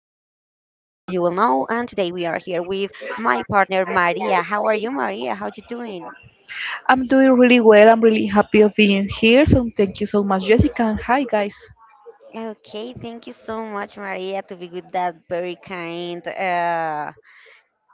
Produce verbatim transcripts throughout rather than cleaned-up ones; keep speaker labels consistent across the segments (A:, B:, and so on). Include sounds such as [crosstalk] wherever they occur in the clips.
A: know, and today we are here with my partner Maria. How are you, Maria? How you doing?
B: I'm doing really well. I'm really happy of being here. So thank you so much, Jessica. And hi, guys.
A: Okay, thank you so much, Maria, to be with that very kind. Uh,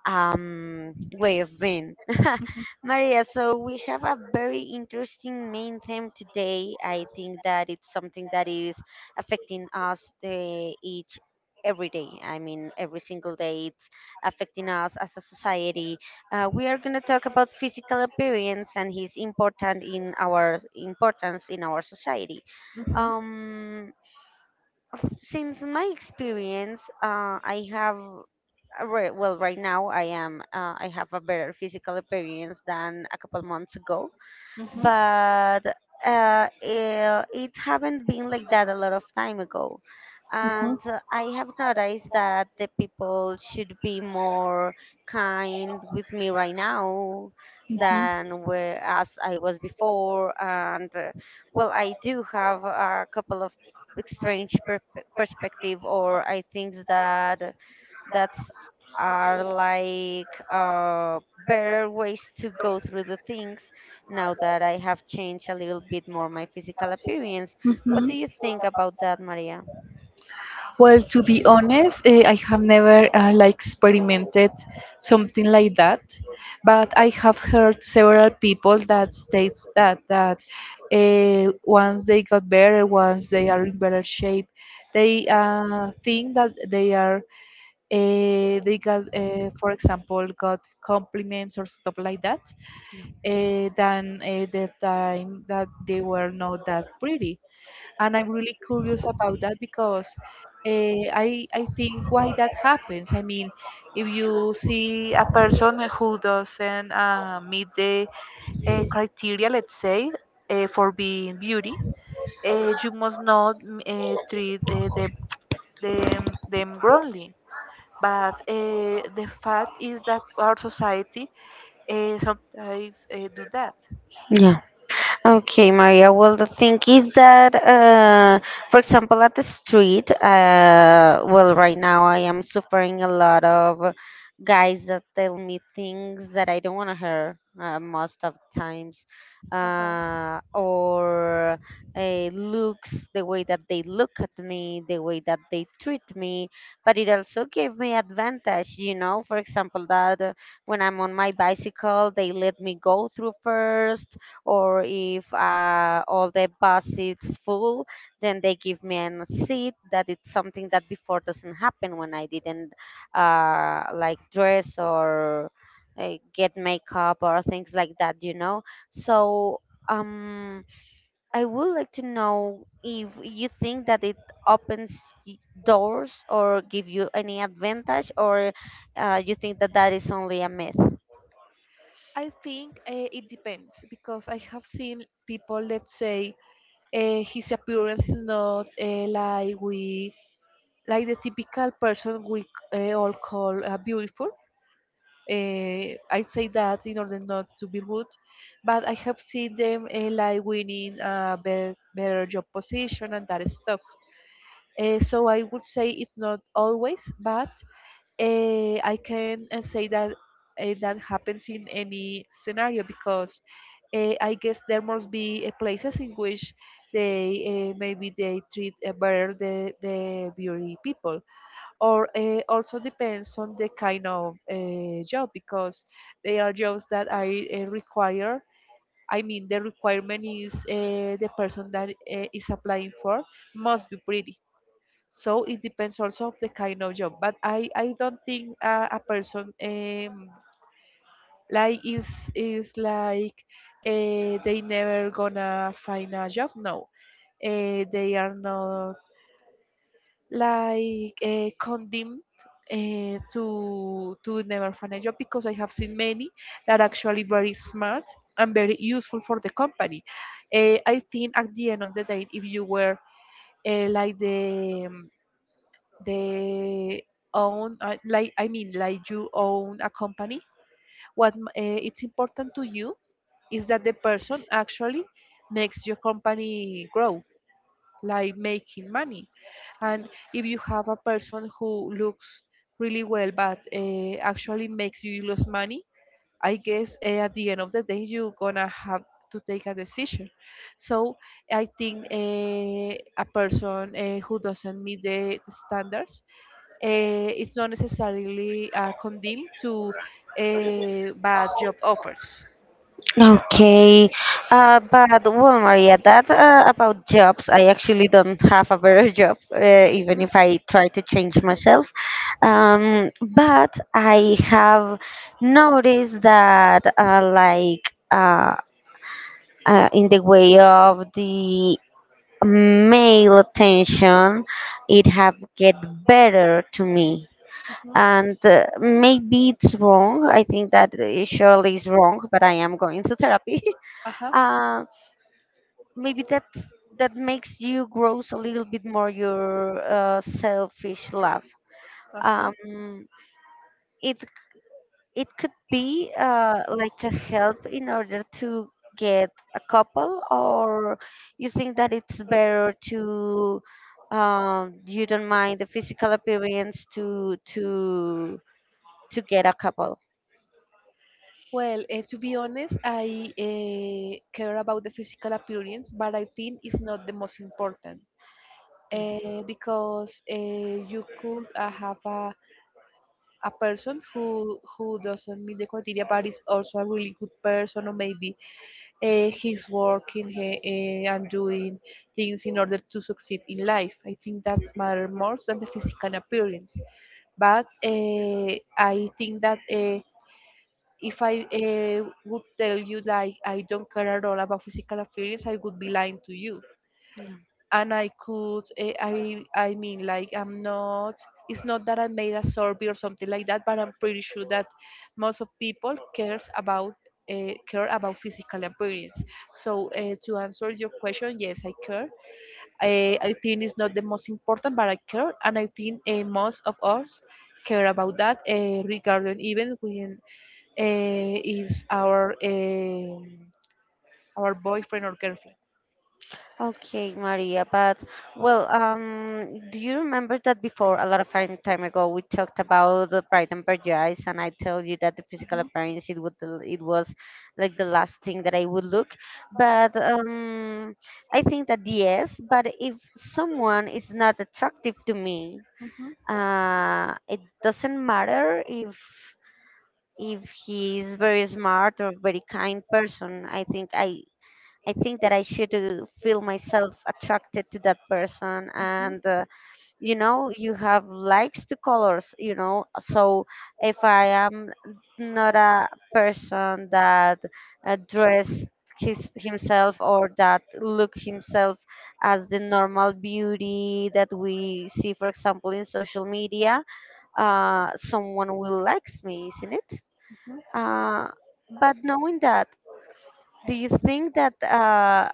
A: um, Way of being. [laughs] Maria, so we have a very interesting main theme today. I think that it's something that is affecting us uh, each every day. I mean, every single day it's affecting us as a society. Uh, we are going to talk about physical appearance and his important in our importance in our society.
B: hmm
A: Um, since my experience, uh, I have. Uh, right- Well, right now I am. Uh, I have a better physical appearance than a couple months ago,
B: hmm
A: but uh, eh, it haven't been like that a lot of time ago.
B: hmm
A: And uh, I have noticed that the people should be more kind with me right now
B: hmm
A: than where, as I was before. And uh, well, I do have a couple of strange per- perspective, or I think that that are like uh, better ways to go through the things now that I have changed a little bit more my physical appearance. What
B: Mhm.
A: do you think about that, Maria?
B: Well, to be honest, eh, I have never uh, like experimented something like that, but I have heard several people that states that that uh, once they got better, once they are in better shape, they uh, think that they are uh, they got, uh, for example, got compliments or stuff like that, uh, than uh, the time that they were not that pretty. And I'm really curious about that because uh, I I think why that happens. I mean, if you see a person who doesn't uh, meet the uh, criteria, let's say, uh, for being beauty, uh, you must not mm, uh, treat uh, them them them wrongly, but uh, the fact is that our society uh, sometimes uh, do that.
A: Okay, Maria. Well, the thing is that, uh, for example, at the street, uh, well, right now I am suffering a lot of guys that tell me things that I don't want to hear uh, most of the times,
B: Uh huh.
A: uh, or uh, looks, the way that they look at me, the way that they treat me. But it also gave me advantage, you know. For example, that uh, when I'm on my bicycle, they let me go through first, or if uh, all the bus is full, then they give me a seat that it's something that before doesn't happen when I didn't uh, like dress or uh, get makeup or things like that, you know. So um I would like to know if you think that it opens y- doors or give you any advantage, or uh, you think that that is only a myth.
B: I think uh, it depends because I have seen people, let's say, uh, his appearance is not uh, like we like the typical person we uh, all call uh, beautiful. Uh, I say that in order not to be rude, but I have seen them uh, like winning a better, better job position and that stuff. Uh, so I would say it's not always, but uh, I can uh, say that uh, that happens in any scenario because uh, I guess there must be uh, places in which they uh, maybe they treat uh, better the, the beauty people, or uh, also depends on the kind of uh, job because there are jobs that are uh, require, I mean the requirement is uh, the person that uh, is applying for must be pretty. So it depends also of the kind of job, but i i don't think uh, a person, um, like is is like uh, they never gonna find a job, no, uh, they are not like uh, condemned uh, to to never find a job because I have seen many that actually very smart and very useful for the company. Uh, I think at the end of the day, if you were uh, like the um, the own uh, like I mean like you own a company, what uh, it's important to you is that the person actually makes your company grow, like making money. And if you have a person who looks really well but uh, actually makes you lose money, I guess uh, at the end of the day you're gonna have to take a decision. So I think uh, a person uh, who doesn't meet the standards, uh, it's not necessarily uh, condemned to uh, bad job offers.
A: Okay. Uh, but well, Maria, that uh, about jobs, I actually don't have a better [laughs] job, uh, even if I try to change myself. Um, but I have noticed that, uh, like, uh, uh, in the way of the male attention, it have get better to me.
B: Mhm.
A: And uh, maybe it's wrong. I think that it surely is wrong, but I am going to therapy. [laughs]
B: Uh-huh.
A: Uh. Maybe that that makes you grows a little bit more your uh, selfish love.
B: Uh-huh.
A: um it it could be uh, like a help in order to get a couple, or you think that it's better to um, you don't mind the physical appearance to to to get a couple?
B: Well, eh, to be honest, I eh, care about the physical appearance, but I think it's not the most important, eh, because eh, you could uh, have a, a person who who doesn't meet the criteria, but is also a really good person, or maybe eh, he's working eh, and doing things in order to succeed in life. I think that matters more than the physical appearance. But eh, I think that. eh, if I uh, would tell you like I don't care at all about physical appearance, I would be lying to you. And I could, uh, I, I mean, like I'm not. It's not that I made a survey or something like that, but I'm pretty sure that most of people cares about uh, care about physical appearance. So uh, to answer your question, yes, I care. I, I think it's not the most important, but I care, and I think uh, most of us care about that, uh, regarding even when uh, is our um our boyfriend or girlfriend.
A: Okay, Maria, but well, um, do you remember that before a lot of time time ago we talked about the pride and prejudice, and I tell you that the physical
B: Mhm,
A: appearance it would it was like the last thing that I would look, but um, I think that yes, but if someone is not attractive to me,
B: mhm,
A: uh, it doesn't matter if if he is very smart or very kind person. I think I I think that I should uh, feel myself attracted to that person.
B: mhm.
A: And, uh, you know, you have likes to colors, you know. So if I am not a person that uh, dress his, himself or that look himself as the normal beauty that we see, for example, in social media, uh, someone will likes me, isn't it? Uh, but knowing that, do you think that uh,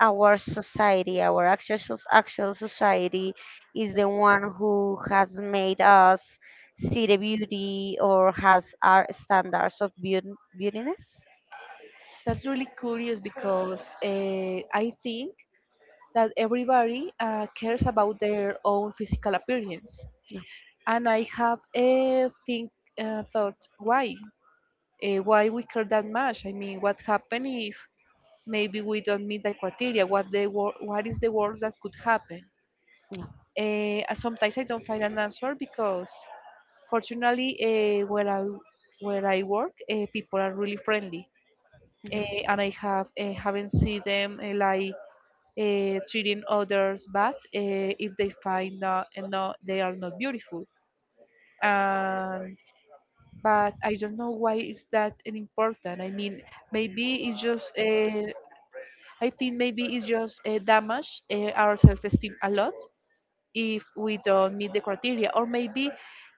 A: our society, our actual, soc- actual society is the one who has made us see the beauty or has our standards of beaut- beautiness?
B: That's really curious because uh, I think that everybody uh, cares about their own physical appearance,
A: Yeah.
B: and I have a think uh, thought why uh, why we care that much. I mean, what happen if maybe we don't meet the criteria? What the wor- what is the worst that could happen?
A: Yeah.
B: Uh, sometimes I don't find an answer because fortunately, uh, where I where I work, uh, people are really friendly, uh,
A: yeah.
B: and I have uh, haven't seen them uh, like uh, treating others bad uh, if they find, uh, no they are not beautiful. Um, but I don't know why it's that important. I mean, maybe it's just uh, I think maybe it's just uh, damage uh, our self-esteem a lot if we don't meet the criteria, or maybe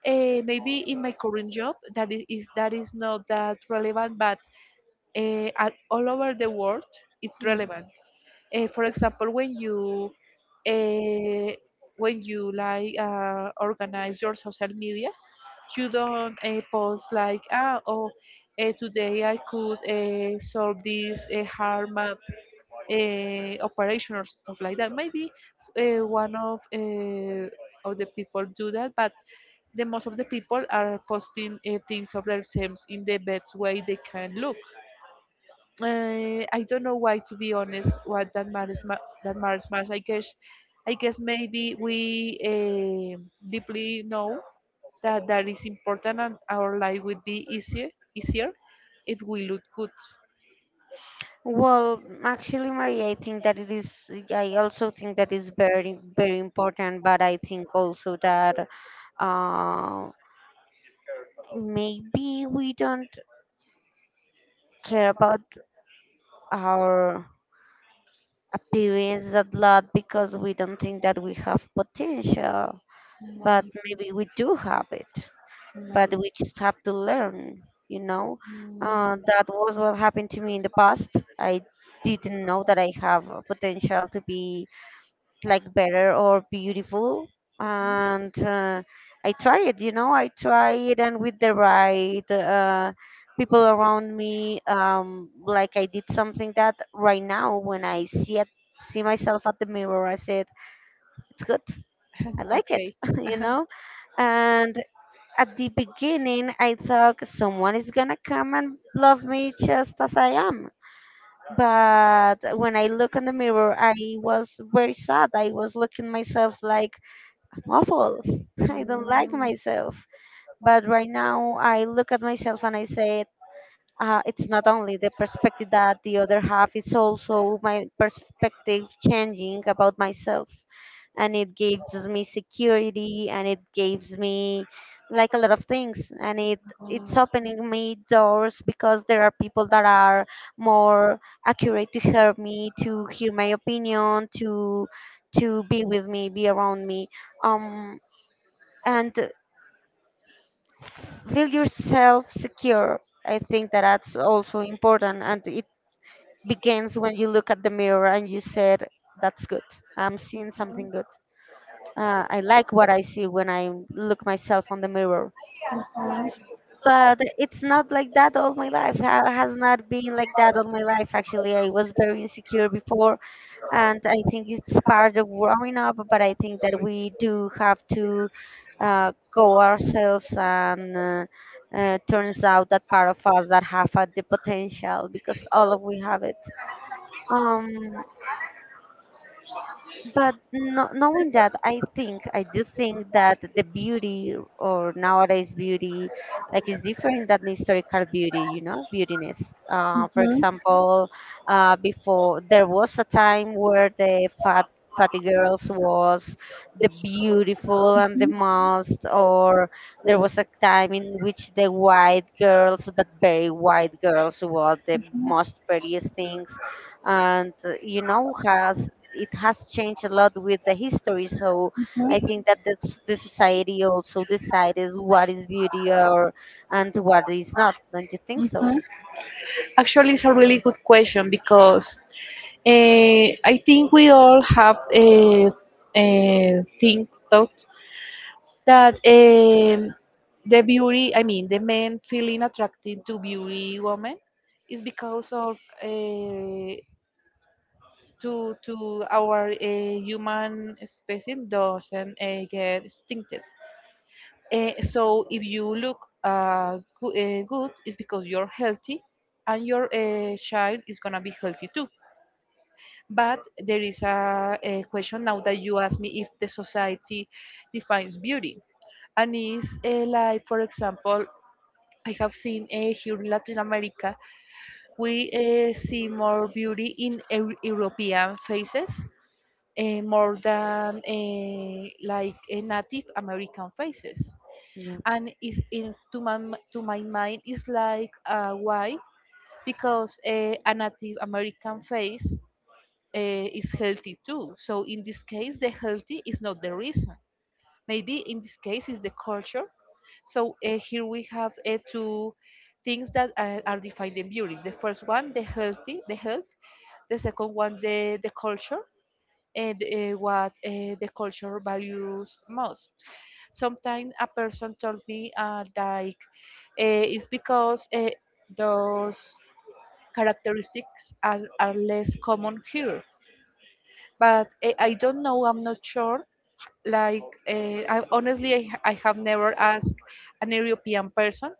B: uh, maybe in my current job that is, is that is not that relevant, but uh, at all over the world it's relevant, uh, for example when you uh, when you like uh, organize your social media, you don't uh, post like, ah, oh, uh, today i could uh, solve this uh, hard math uh, operation or stuff like that. Maybe uh, one of uh, of the people do that, but the most of the people are posting uh, things of themselves in the best way they can look. Uh, I don't know why, to be honest, what that matters. ma- That matters much. I guess, I guess maybe we uh, deeply know that that is important, and our life would be easier, easier if we look good.
A: Well, actually, Maria, I think that it is. I also think that is very, very important. But I think also that uh, maybe we don't care about our appearance a lot because we don't think that we have potential. But
B: Mm,
A: maybe we do have it, but
B: mm,
A: we just have to learn, you know. Uh,
B: mm,
A: that was what happened to me in the past. I didn't know that I have a potential to be like better or beautiful, and uh, I tried, you know, I tried, and with the right uh, people around me, um, like I did something that right now when I see it, see myself at the mirror, I said it's good, I like it,
B: okay.
A: [laughs] you know. And at the beginning, I thought someone is gonna come and love me just as I am. But when I look in the mirror, I was very sad. I was looking myself like I'm awful. [laughs]
B: Mm.
A: I don't like
B: Mhm,
A: myself. But right now, I look at myself and I say, uh, it's not only the perspective that the other half, it's also my perspective changing about myself, and it gives me security and it gives me like a lot of things, and it it's opening me doors because there are people that are more accurate to help me, to hear my opinion, to to be with me, be around me. Um and feel yourself secure. I think that that's also important, and it begins when you look at the mirror and you said that's good, I'm seeing something good. Uh, I like what I see when I look myself on the mirror. But it's not like that all my life. Ha- has not been like that all my life. Actually, I was very insecure before, and I think it's part of growing up. But I think that we do have to uh, go ourselves, and uh, uh, turns out that part of us that have uh, the potential, because all of we have it. Um, But no, knowing that, I think I do think that the beauty or nowadays beauty, like is different than the historical beauty. You know, beautiness. Uh, for
B: mhm,
A: example, uh, before there was a time where the fat fatty girls was the beautiful and the
B: mhm.
A: most, or there was a time in which the white girls, but very white girls, were the most prettiest things. And uh, you know, has it has changed a lot with the history. So I think that that's, the society also decides what is beauty or and what is not. Don't you think so?
B: mhm. Actually, it's a really good question because uh, I think we all have a, a think thought that um, the beauty, I mean, the men feeling attracted to beauty women is because of uh, to to our uh, human species doesn't uh, get extincted. Eh, so if you look uh, go- eh, good, it's because you're healthy, and your uh, child is gonna be healthy too. But there is a, a question now that you ask me if the society defines beauty, and is uh, like for example, I have seen uh, here in Latin America, we uh, see more beauty in Eu- European faces, eh, more than eh, like eh, Native American faces.
A: Yeah.
B: And it, in, to, my, to my mind, it's like, uh, why? Because eh, a Native American face eh, is healthy too. So in this case, the healthy is not the reason. Maybe in this case, is the culture. So eh, here we have eh, two things that uh, are defined in beauty. The first one, the healthy, the health. The second one, the the culture, and uh, what uh, the culture values most. Sometimes a person told me uh, like, uh, it's because uh, those characteristics are, are less common here. But uh, I don't know. I'm not sure. Like, uh, I honestly, I, ha- I have never asked an European person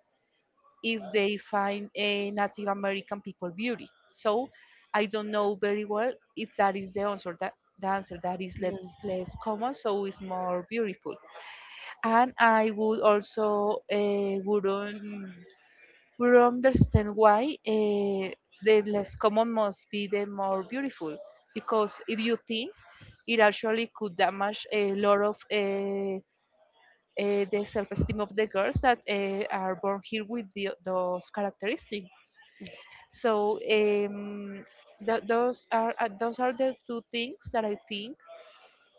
B: if they find a Native American people beauty. So I don't know very well if that is the answer. That The answer that is
A: Yeah.
B: less less common, so it's more beautiful. And I would also uh, wouldn't would understand why uh, the less common must be the more beautiful, because if you think, it actually could damage a lot of uh, uh, the self-esteem of the girls that uh, are born here with the, those characteristics. So um, th- those are uh, those are the two things that I think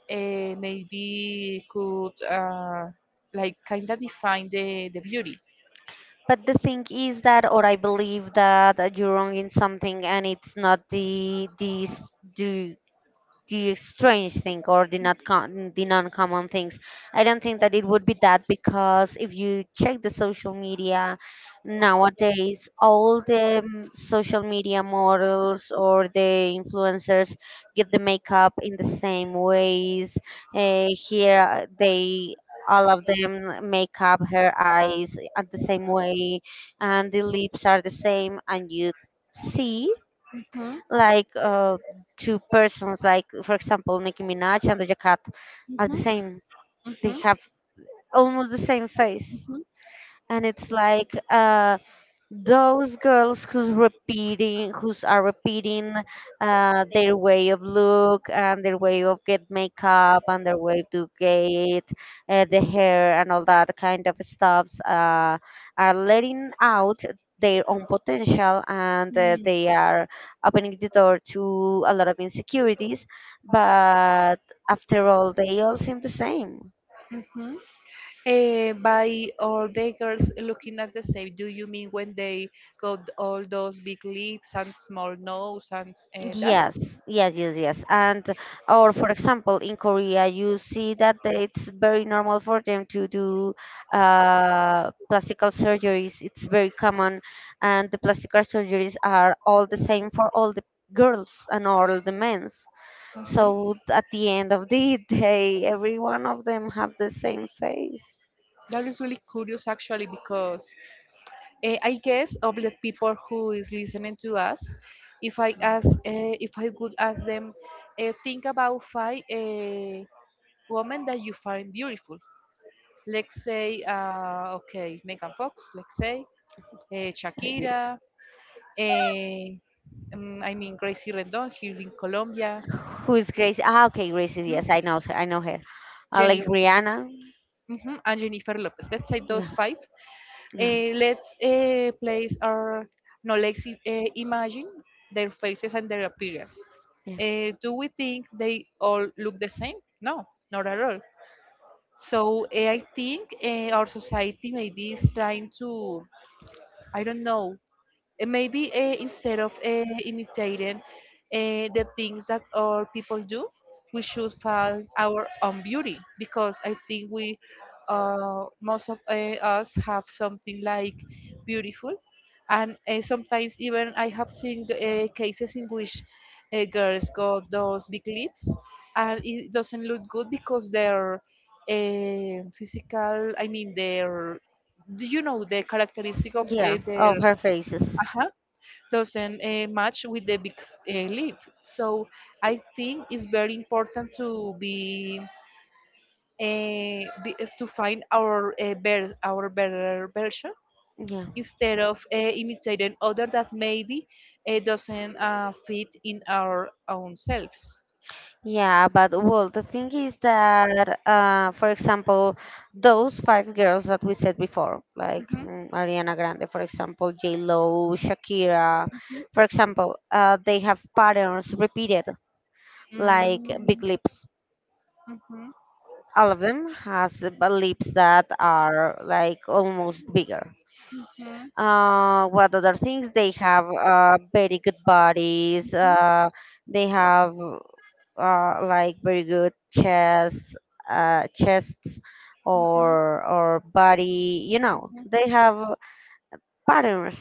B: uh, maybe could uh, like kind of define the, the beauty.
A: But the thing is that, or I believe that uh, you're wrong in something, and it's not the these the the strange thing or the not con- the non-common things. I don't think that it would be that because if you check the social media nowadays, all the mm, social media models or the influencers get the makeup in the same ways. Uh, here uh, they all of them make up her eyes at the same way, and the lips are the same, and you see
B: Mhm.
A: like uh, two persons, like for example, Nicki Minaj and Doja Cat, are the
B: Mhm.
A: same. They
B: hmm
A: have almost the same face,
B: Mhm.
A: and it's like uh, those girls who's repeating who's are repeating uh, their way of look and their way of get makeup and their way to get uh, the hair and all that kind of stuffs uh, are letting out their own potential, and uh, they
B: mm,
A: are opening the door to a lot of insecurities, but after all they all seem the same.
B: Mhm. Eh, by all the girls looking at the same, do you mean when they got all those big lips and small nose and uh, that?
A: Yes, yes, yes, yes. And, or for example, in Korea, you see that it's very normal for them to do uh, plastic surgeries. It's very common, and the plastic surgeries are all the same for all the girls and all the men's.
B: Mhm.
A: So at the end of the [laughs] day, every one of them have the same face.
B: That is really curious actually because uh, I guess of the people who is listening to us, if I ask, uh, if I could ask them, uh, think about five uh, women that you find beautiful. Let's say, uh, okay, Megan Fox. Let's say
A: It's
B: uh,
A: very beautiful.
B: Shakira. eh, mm, I mean Gracie Rendon here in Colombia.
A: Who is Gracie? Ah, okay, Gracie.
B: mhm,
A: Yes, I know. I know her. Uh, like
B: Jennifer,
A: Rihanna.
B: mhm, and Jennifer Lopez. Let's say those
A: Yeah,
B: five.
A: yeah.
B: Eh, let's uh, place our no let's uh, imagine their faces and their appearance.
A: Yeah.
B: Eh, do we think they all look the same? No, not at all. So eh, i think eh, our society maybe is trying to, I don't know, and maybe uh, instead of uh, imitating uh, the things that all people do, we should find our own beauty because I think we, uh, most of uh, us have something like beautiful. And uh, sometimes even I have seen uh, cases in which uh, girls got those big lips and it doesn't look good because their uh, physical, I mean their, do you know the characteristic of uh,
A: Yeah,
B: their,
A: of her faces.
B: uh doesn't uh, match with the big uh, league. So I think it's very important to be, uh, be uh, to find our uh, better our better version
A: Yeah.
B: instead of uh, imitating other that maybe uh, doesn't uh, fit in our own selves.
A: Yeah, but well, the thing is that, uh, for example, those five girls that we said before, like
B: Mhm.
A: mm, Ariana Grande, for example, J Lo, Shakira, for example, uh, they have patterns repeated, like
B: Mm,
A: big
B: mhm,
A: lips.
B: mhm,
A: All of them has uh, lips that are like almost bigger.
B: mhm,
A: Uh, what other things? They have uh, very good bodies. Uh, they have uh, like very good chest, uh, chests,
B: mhm,
A: or or body. You know,
B: mhm,
A: they have patterns.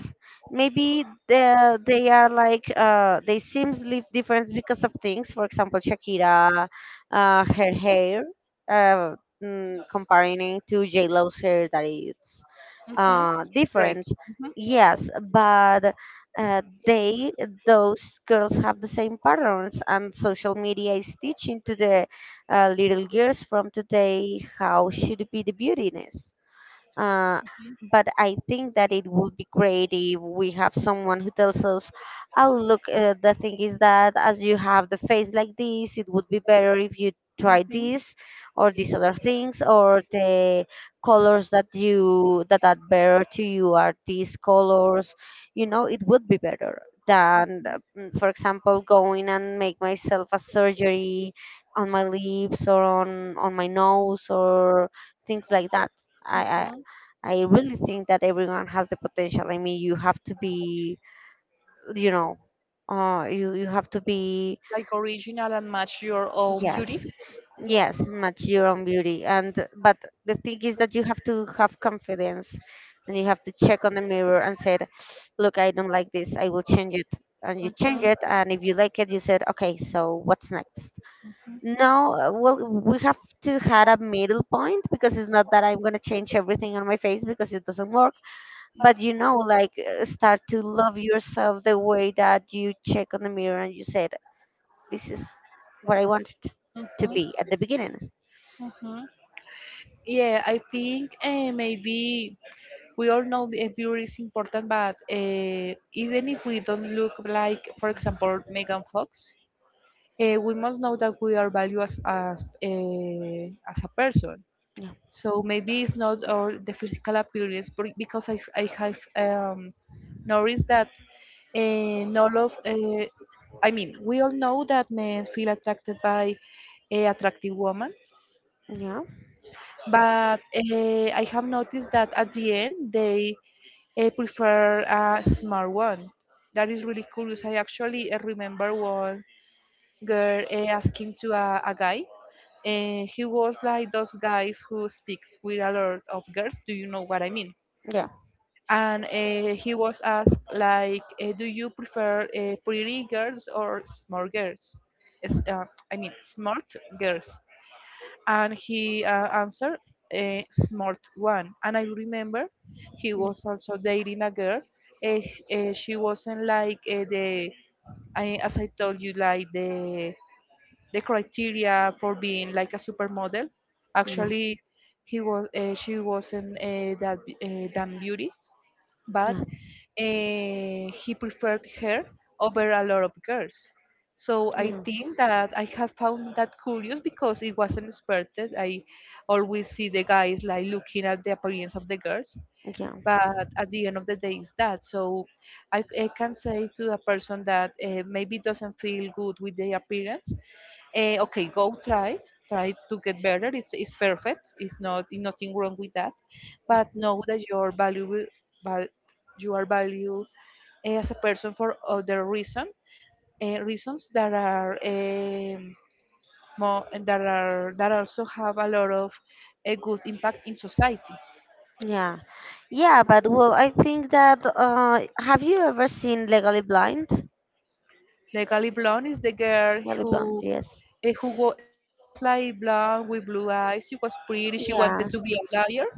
A: Maybe they they are like uh, they seems live different because of things. For example, Shakira, uh, her hair. Uh, mm, Comparing it to J Lo's hair, that is
B: mhm.
A: uh,
B: Right.
A: different.
B: Mhm,
A: Yes, but uh, they, those girls have the same patterns, and social media is teaching to the uh, little girls from today how should be the beautiness. Uh, but I think that it would be great if we have someone who tells us, oh, look, uh, the thing is that as you have the face like this, it would be better if you try
B: mhm,
A: this or these other things or the colors that you that are better to you are these colors, you know, it would be better than uh,
B: mhm.
A: mm, for example, going and make myself a surgery on my lips or on on my nose or things like that. i I
B: mhm.
A: I really think that everyone has the potential. I mean, you have to be, you know, uh, you you have to be,
B: Like original and match your own
A: yes,
B: beauty.
A: yes, mature on beauty. And but the thing is that you have to have confidence, and you have to check on the mirror and said, look, I don't like this. I will change it. And you change it, and if you like it, you said, okay, so what's next? No, uh, well, we have to have a middle point because it's not that I'm gonna change everything on my face because it doesn't work, but you know, like, uh, start to love yourself the way that you check on the mirror and you said this is what I wanted to
B: Mhm,
A: be at the beginning.
B: mhm. Yeah, I think uh, maybe we all know the- uh, beauty is important, but uh, even if we don't look like, for example, Megan Fox, uh, we must know that we are valued as as, uh, as a person.
A: Yeah,
B: So maybe it's not all the physical appearance, but because I I have um, noticed that uh, not of uh, I mean, we all know that men feel attracted by a attractive woman
A: yeah,
B: but uh, I have noticed that at the end they uh, prefer a smart one. That is really curious. I actually uh, remember one girl uh, asking to a, a guy, and he was like those guys who speaks with a lot of girls. Do you know what I mean?
A: yeah.
B: And uh, he was asked like, uh, "Do you prefer uh, pretty girls or smart girls?" Is, uh, I mean, smart girls, and he uh, answered uh, smart one. And I remember he
A: Mm,
B: was also dating a girl. Uh, she wasn't like uh, the I, as I told you, like the the criteria for being like a supermodel. Actually, he was uh, she wasn't uh, that uh, that beauty,
A: yeah,
B: but
A: yeah,
B: eh, he preferred her over a lot of girls. So I
A: yeah,
B: think that I have found that curious because it wasn't expected. I always see the guys like looking at the appearance of the girls,
A: yeah,
B: but at the end of the day, it's that. So I, I can say to a person that uh, maybe doesn't feel good with their appearance, eh, okay, go try, try to get better. It's, it's perfect. It's not nothing wrong with that, but
A: mhm.
B: know that your value, val, you are valued eh, as a person for other reason uh, reasons that are um, more that are that also have a lot of a good impact in society.
A: Yeah, yeah, but well, I think that, uh, have you ever seen Legally Blind?
B: Legally blonde is the girl
A: Legally Blind,
B: who
A: yes.
B: eh, who wa- she was like blonde with blue eyes. She was pretty. She
A: Yeah,
B: wanted to be a lawyer.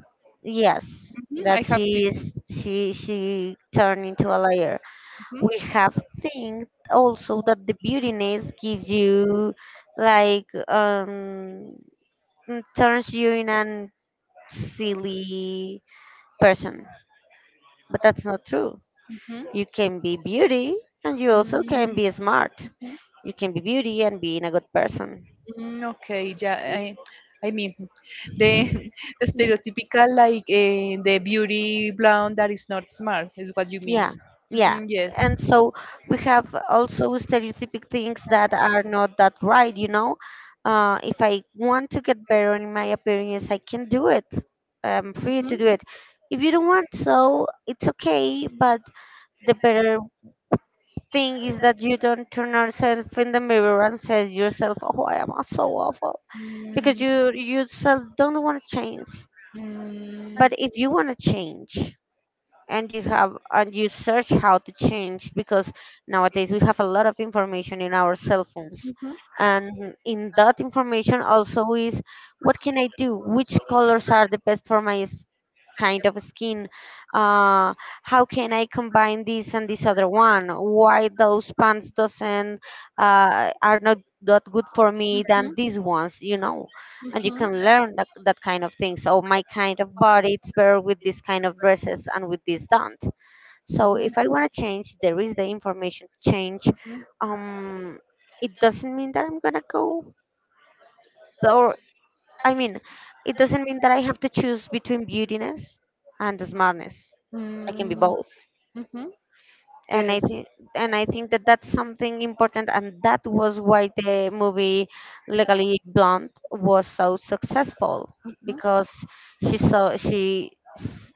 A: yes,
B: Mhm, I
A: that
B: have
A: she
B: seen.
A: is, she she turned into a liar.
B: Mhm,
A: We have seen also that the beautiness gives you like, um mm, turns you in an silly person. But that's not true.
B: mhm,
A: You can be beauty and you also can be smart.
B: mhm,
A: You can be beauty and being a good person.
B: mm, okay, yeah. I, I mean, the, [laughs] the stereotypical like eh, the beauty blonde that is not smart is what you mean.
A: Yeah, yeah.
B: Mm, yes.
A: And so we have also stereotypic things that are not that right, you know. Uh, if I want to get better in my appearance, I can do it. I'm free
B: Mm-hmm.
A: to do it. If you don't want so, it's okay, but the better thing is that you don't turn yourself in the mirror and say to yourself, "Oh, I am so awful," because
B: Mm,
A: you yourself don't want to change.
B: mm, mm-hmm.
A: But if you want to change, and you have and you search how to change because nowadays we have a lot of information in our cell phones,
B: Mm-hmm.
A: and in that information also is what can I do, which colors are the best for my s- kind of skin, uh, how can I combine this and this other one, why those pants doesn't, uh, are not that good for me than
B: Mm-hmm.
A: these ones, you know. And you
B: Mm-hmm.
A: can learn that, that kind of thing. So my kind of body, it's better with this kind of dresses and with this don't. So if I want to change, there is the information to change.
B: Mm-hmm.
A: Um, it doesn't mean that I'm gonna go, or I mean, it doesn't mean that I have to choose between beautiness and the smartness. I can be
B: Mm.
A: both.
B: Mm-hmm.
A: and i
B: Yes.
A: think and I think that that's something important, and that was why the movie Legally Blonde was so successful, because she saw she s-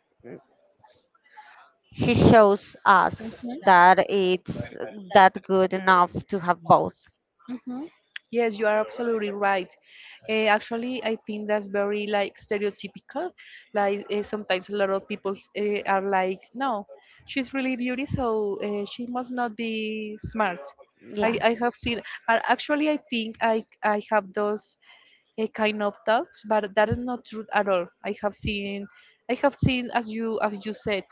A: she shows
B: Mm-hmm.
A: us
B: Mm-hmm.
A: that it's that good enough to have both.
B: Hmm. Yes, you are absolutely right. Eh, actually, I think that's very like stereotypical. Like eh, sometimes a lot of people uh, are like, no, she's really beauty, so uh, she must not be smart. I,
A: Yeah,
B: I have seen, uh, actually, I think I I have those uh, kind of thoughts, but that is not true at all. I have seen, I have seen, as you as you said,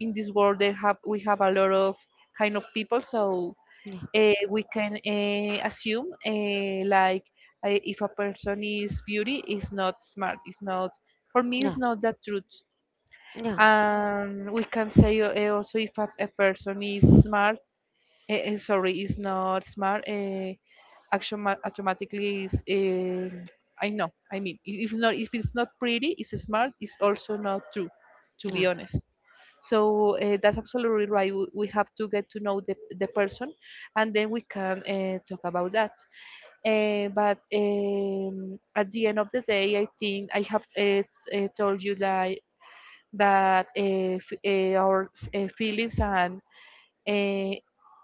B: in this world they have we have a lot of kind of people, so
A: yeah,
B: uh, we can uh, assume uh, like, uh, if a person is beauty is not smart, it's not, for me,
A: yeah,
B: it's not that truth.
A: yeah,
B: And we can say, uh, also, if a, a person is smart, uh, uh, sorry, is not smart, uh, action ma- automatically is uh, I know, I mean, if it's not, if it's not pretty, it's smart, it's also not true, to be
A: yeah.
B: honest. So uh, that's absolutely right. W- We have to get to know the, the person, and then we can uh, talk about that. Uh, but um, At the end of the day, I think I have uh, uh, told you like, that uh, f- uh, our s- uh, feelings and uh,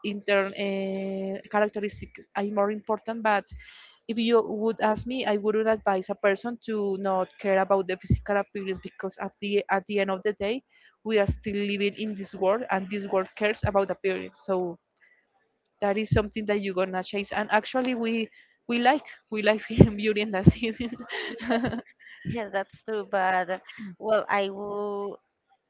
B: intern uh, characteristics are more important, but if you would ask me, I wouldn't advise a person to not care about the physical appearance, because at the at the end of the day, we are still living in this world, and this world cares about appearance. So that is something that you're gonna change. And actually, we we like we like [laughs] beauty and that's it. [laughs]
A: Yes, that's true. But uh, well, I will.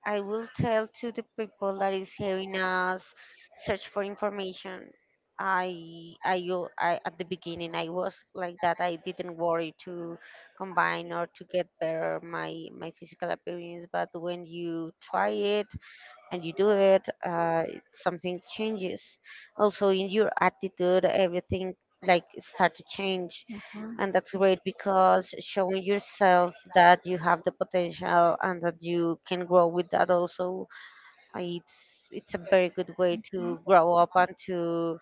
A: I will tell to the people that is hearing us, search for information. I, I, u- I- at the beginning I was like that. I didn't worry to combine or to get better my my physical appearance. But when you try it, and you do it, uh, something changes. Also, in your attitude, everything like start to change,
B: Ujú,
A: and that's great because showing yourself that you have the potential and that you can grow with that also, it's it's a very good way to grow up and to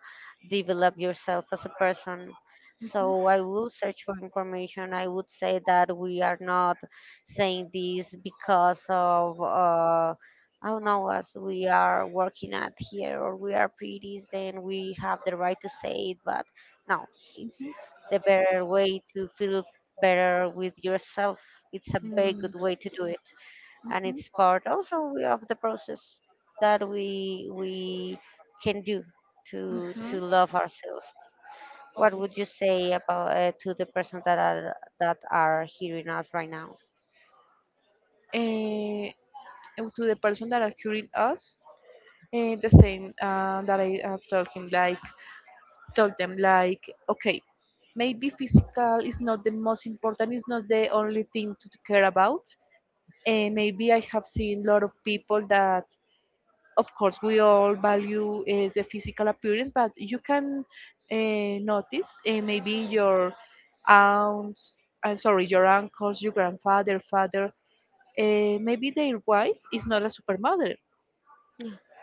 A: develop yourself as a person. So I will search for information. I would say that we are not saying this because of, uh I don't know, as we are working at here or we are pretties, then we have the right to say it. But no, it's the better way to feel better with yourself. It's a very
B: mm,
A: good way to do it, and
B: ujú,
A: it's part also of the process that we we can do to to
B: ujú.
A: love ourselves. What would you say about, uh, to the person that are that are hearing us right now?
B: Eh, uh, to the person that are curing us, uh, the same uh, that I uh, told him like, told them like, okay, maybe physical is not the most important, it's not the only thing to care about. And maybe I have seen a lot of people that, of course, we all value uh, the physical appearance, but you can uh, notice, uh, maybe your aunt, I'm sorry, your uncles, your grandfather, father, uh, maybe their wife is not a super mother.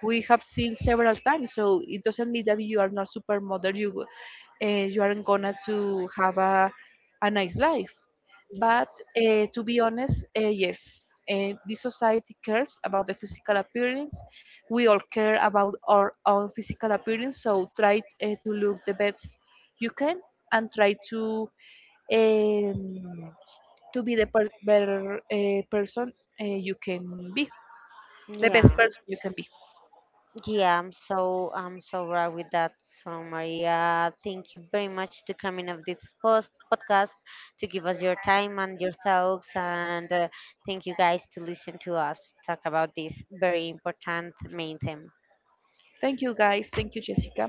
B: We have seen several times. So it doesn't mean that you are not supermodel. You uh, you aren't gonna to have a a nice life.
A: Yeah,
B: But uh, to be honest, uh, yes, uh, this society cares about the physical appearance. We all care about our own physical appearance, so try uh, to look the best you can, and try to um, to be the per- better uh, person uh, you can be, the best
A: yeah,
B: person you can be.
A: yeah. I'm so, I'm so right with that. So Maria, thank you very much to coming of this post podcast to give us your time and your thoughts, and uh, thank you guys to listen to us talk about this very important main theme.
B: Thank you, guys. Thank you, Jessica.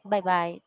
A: Bye bye.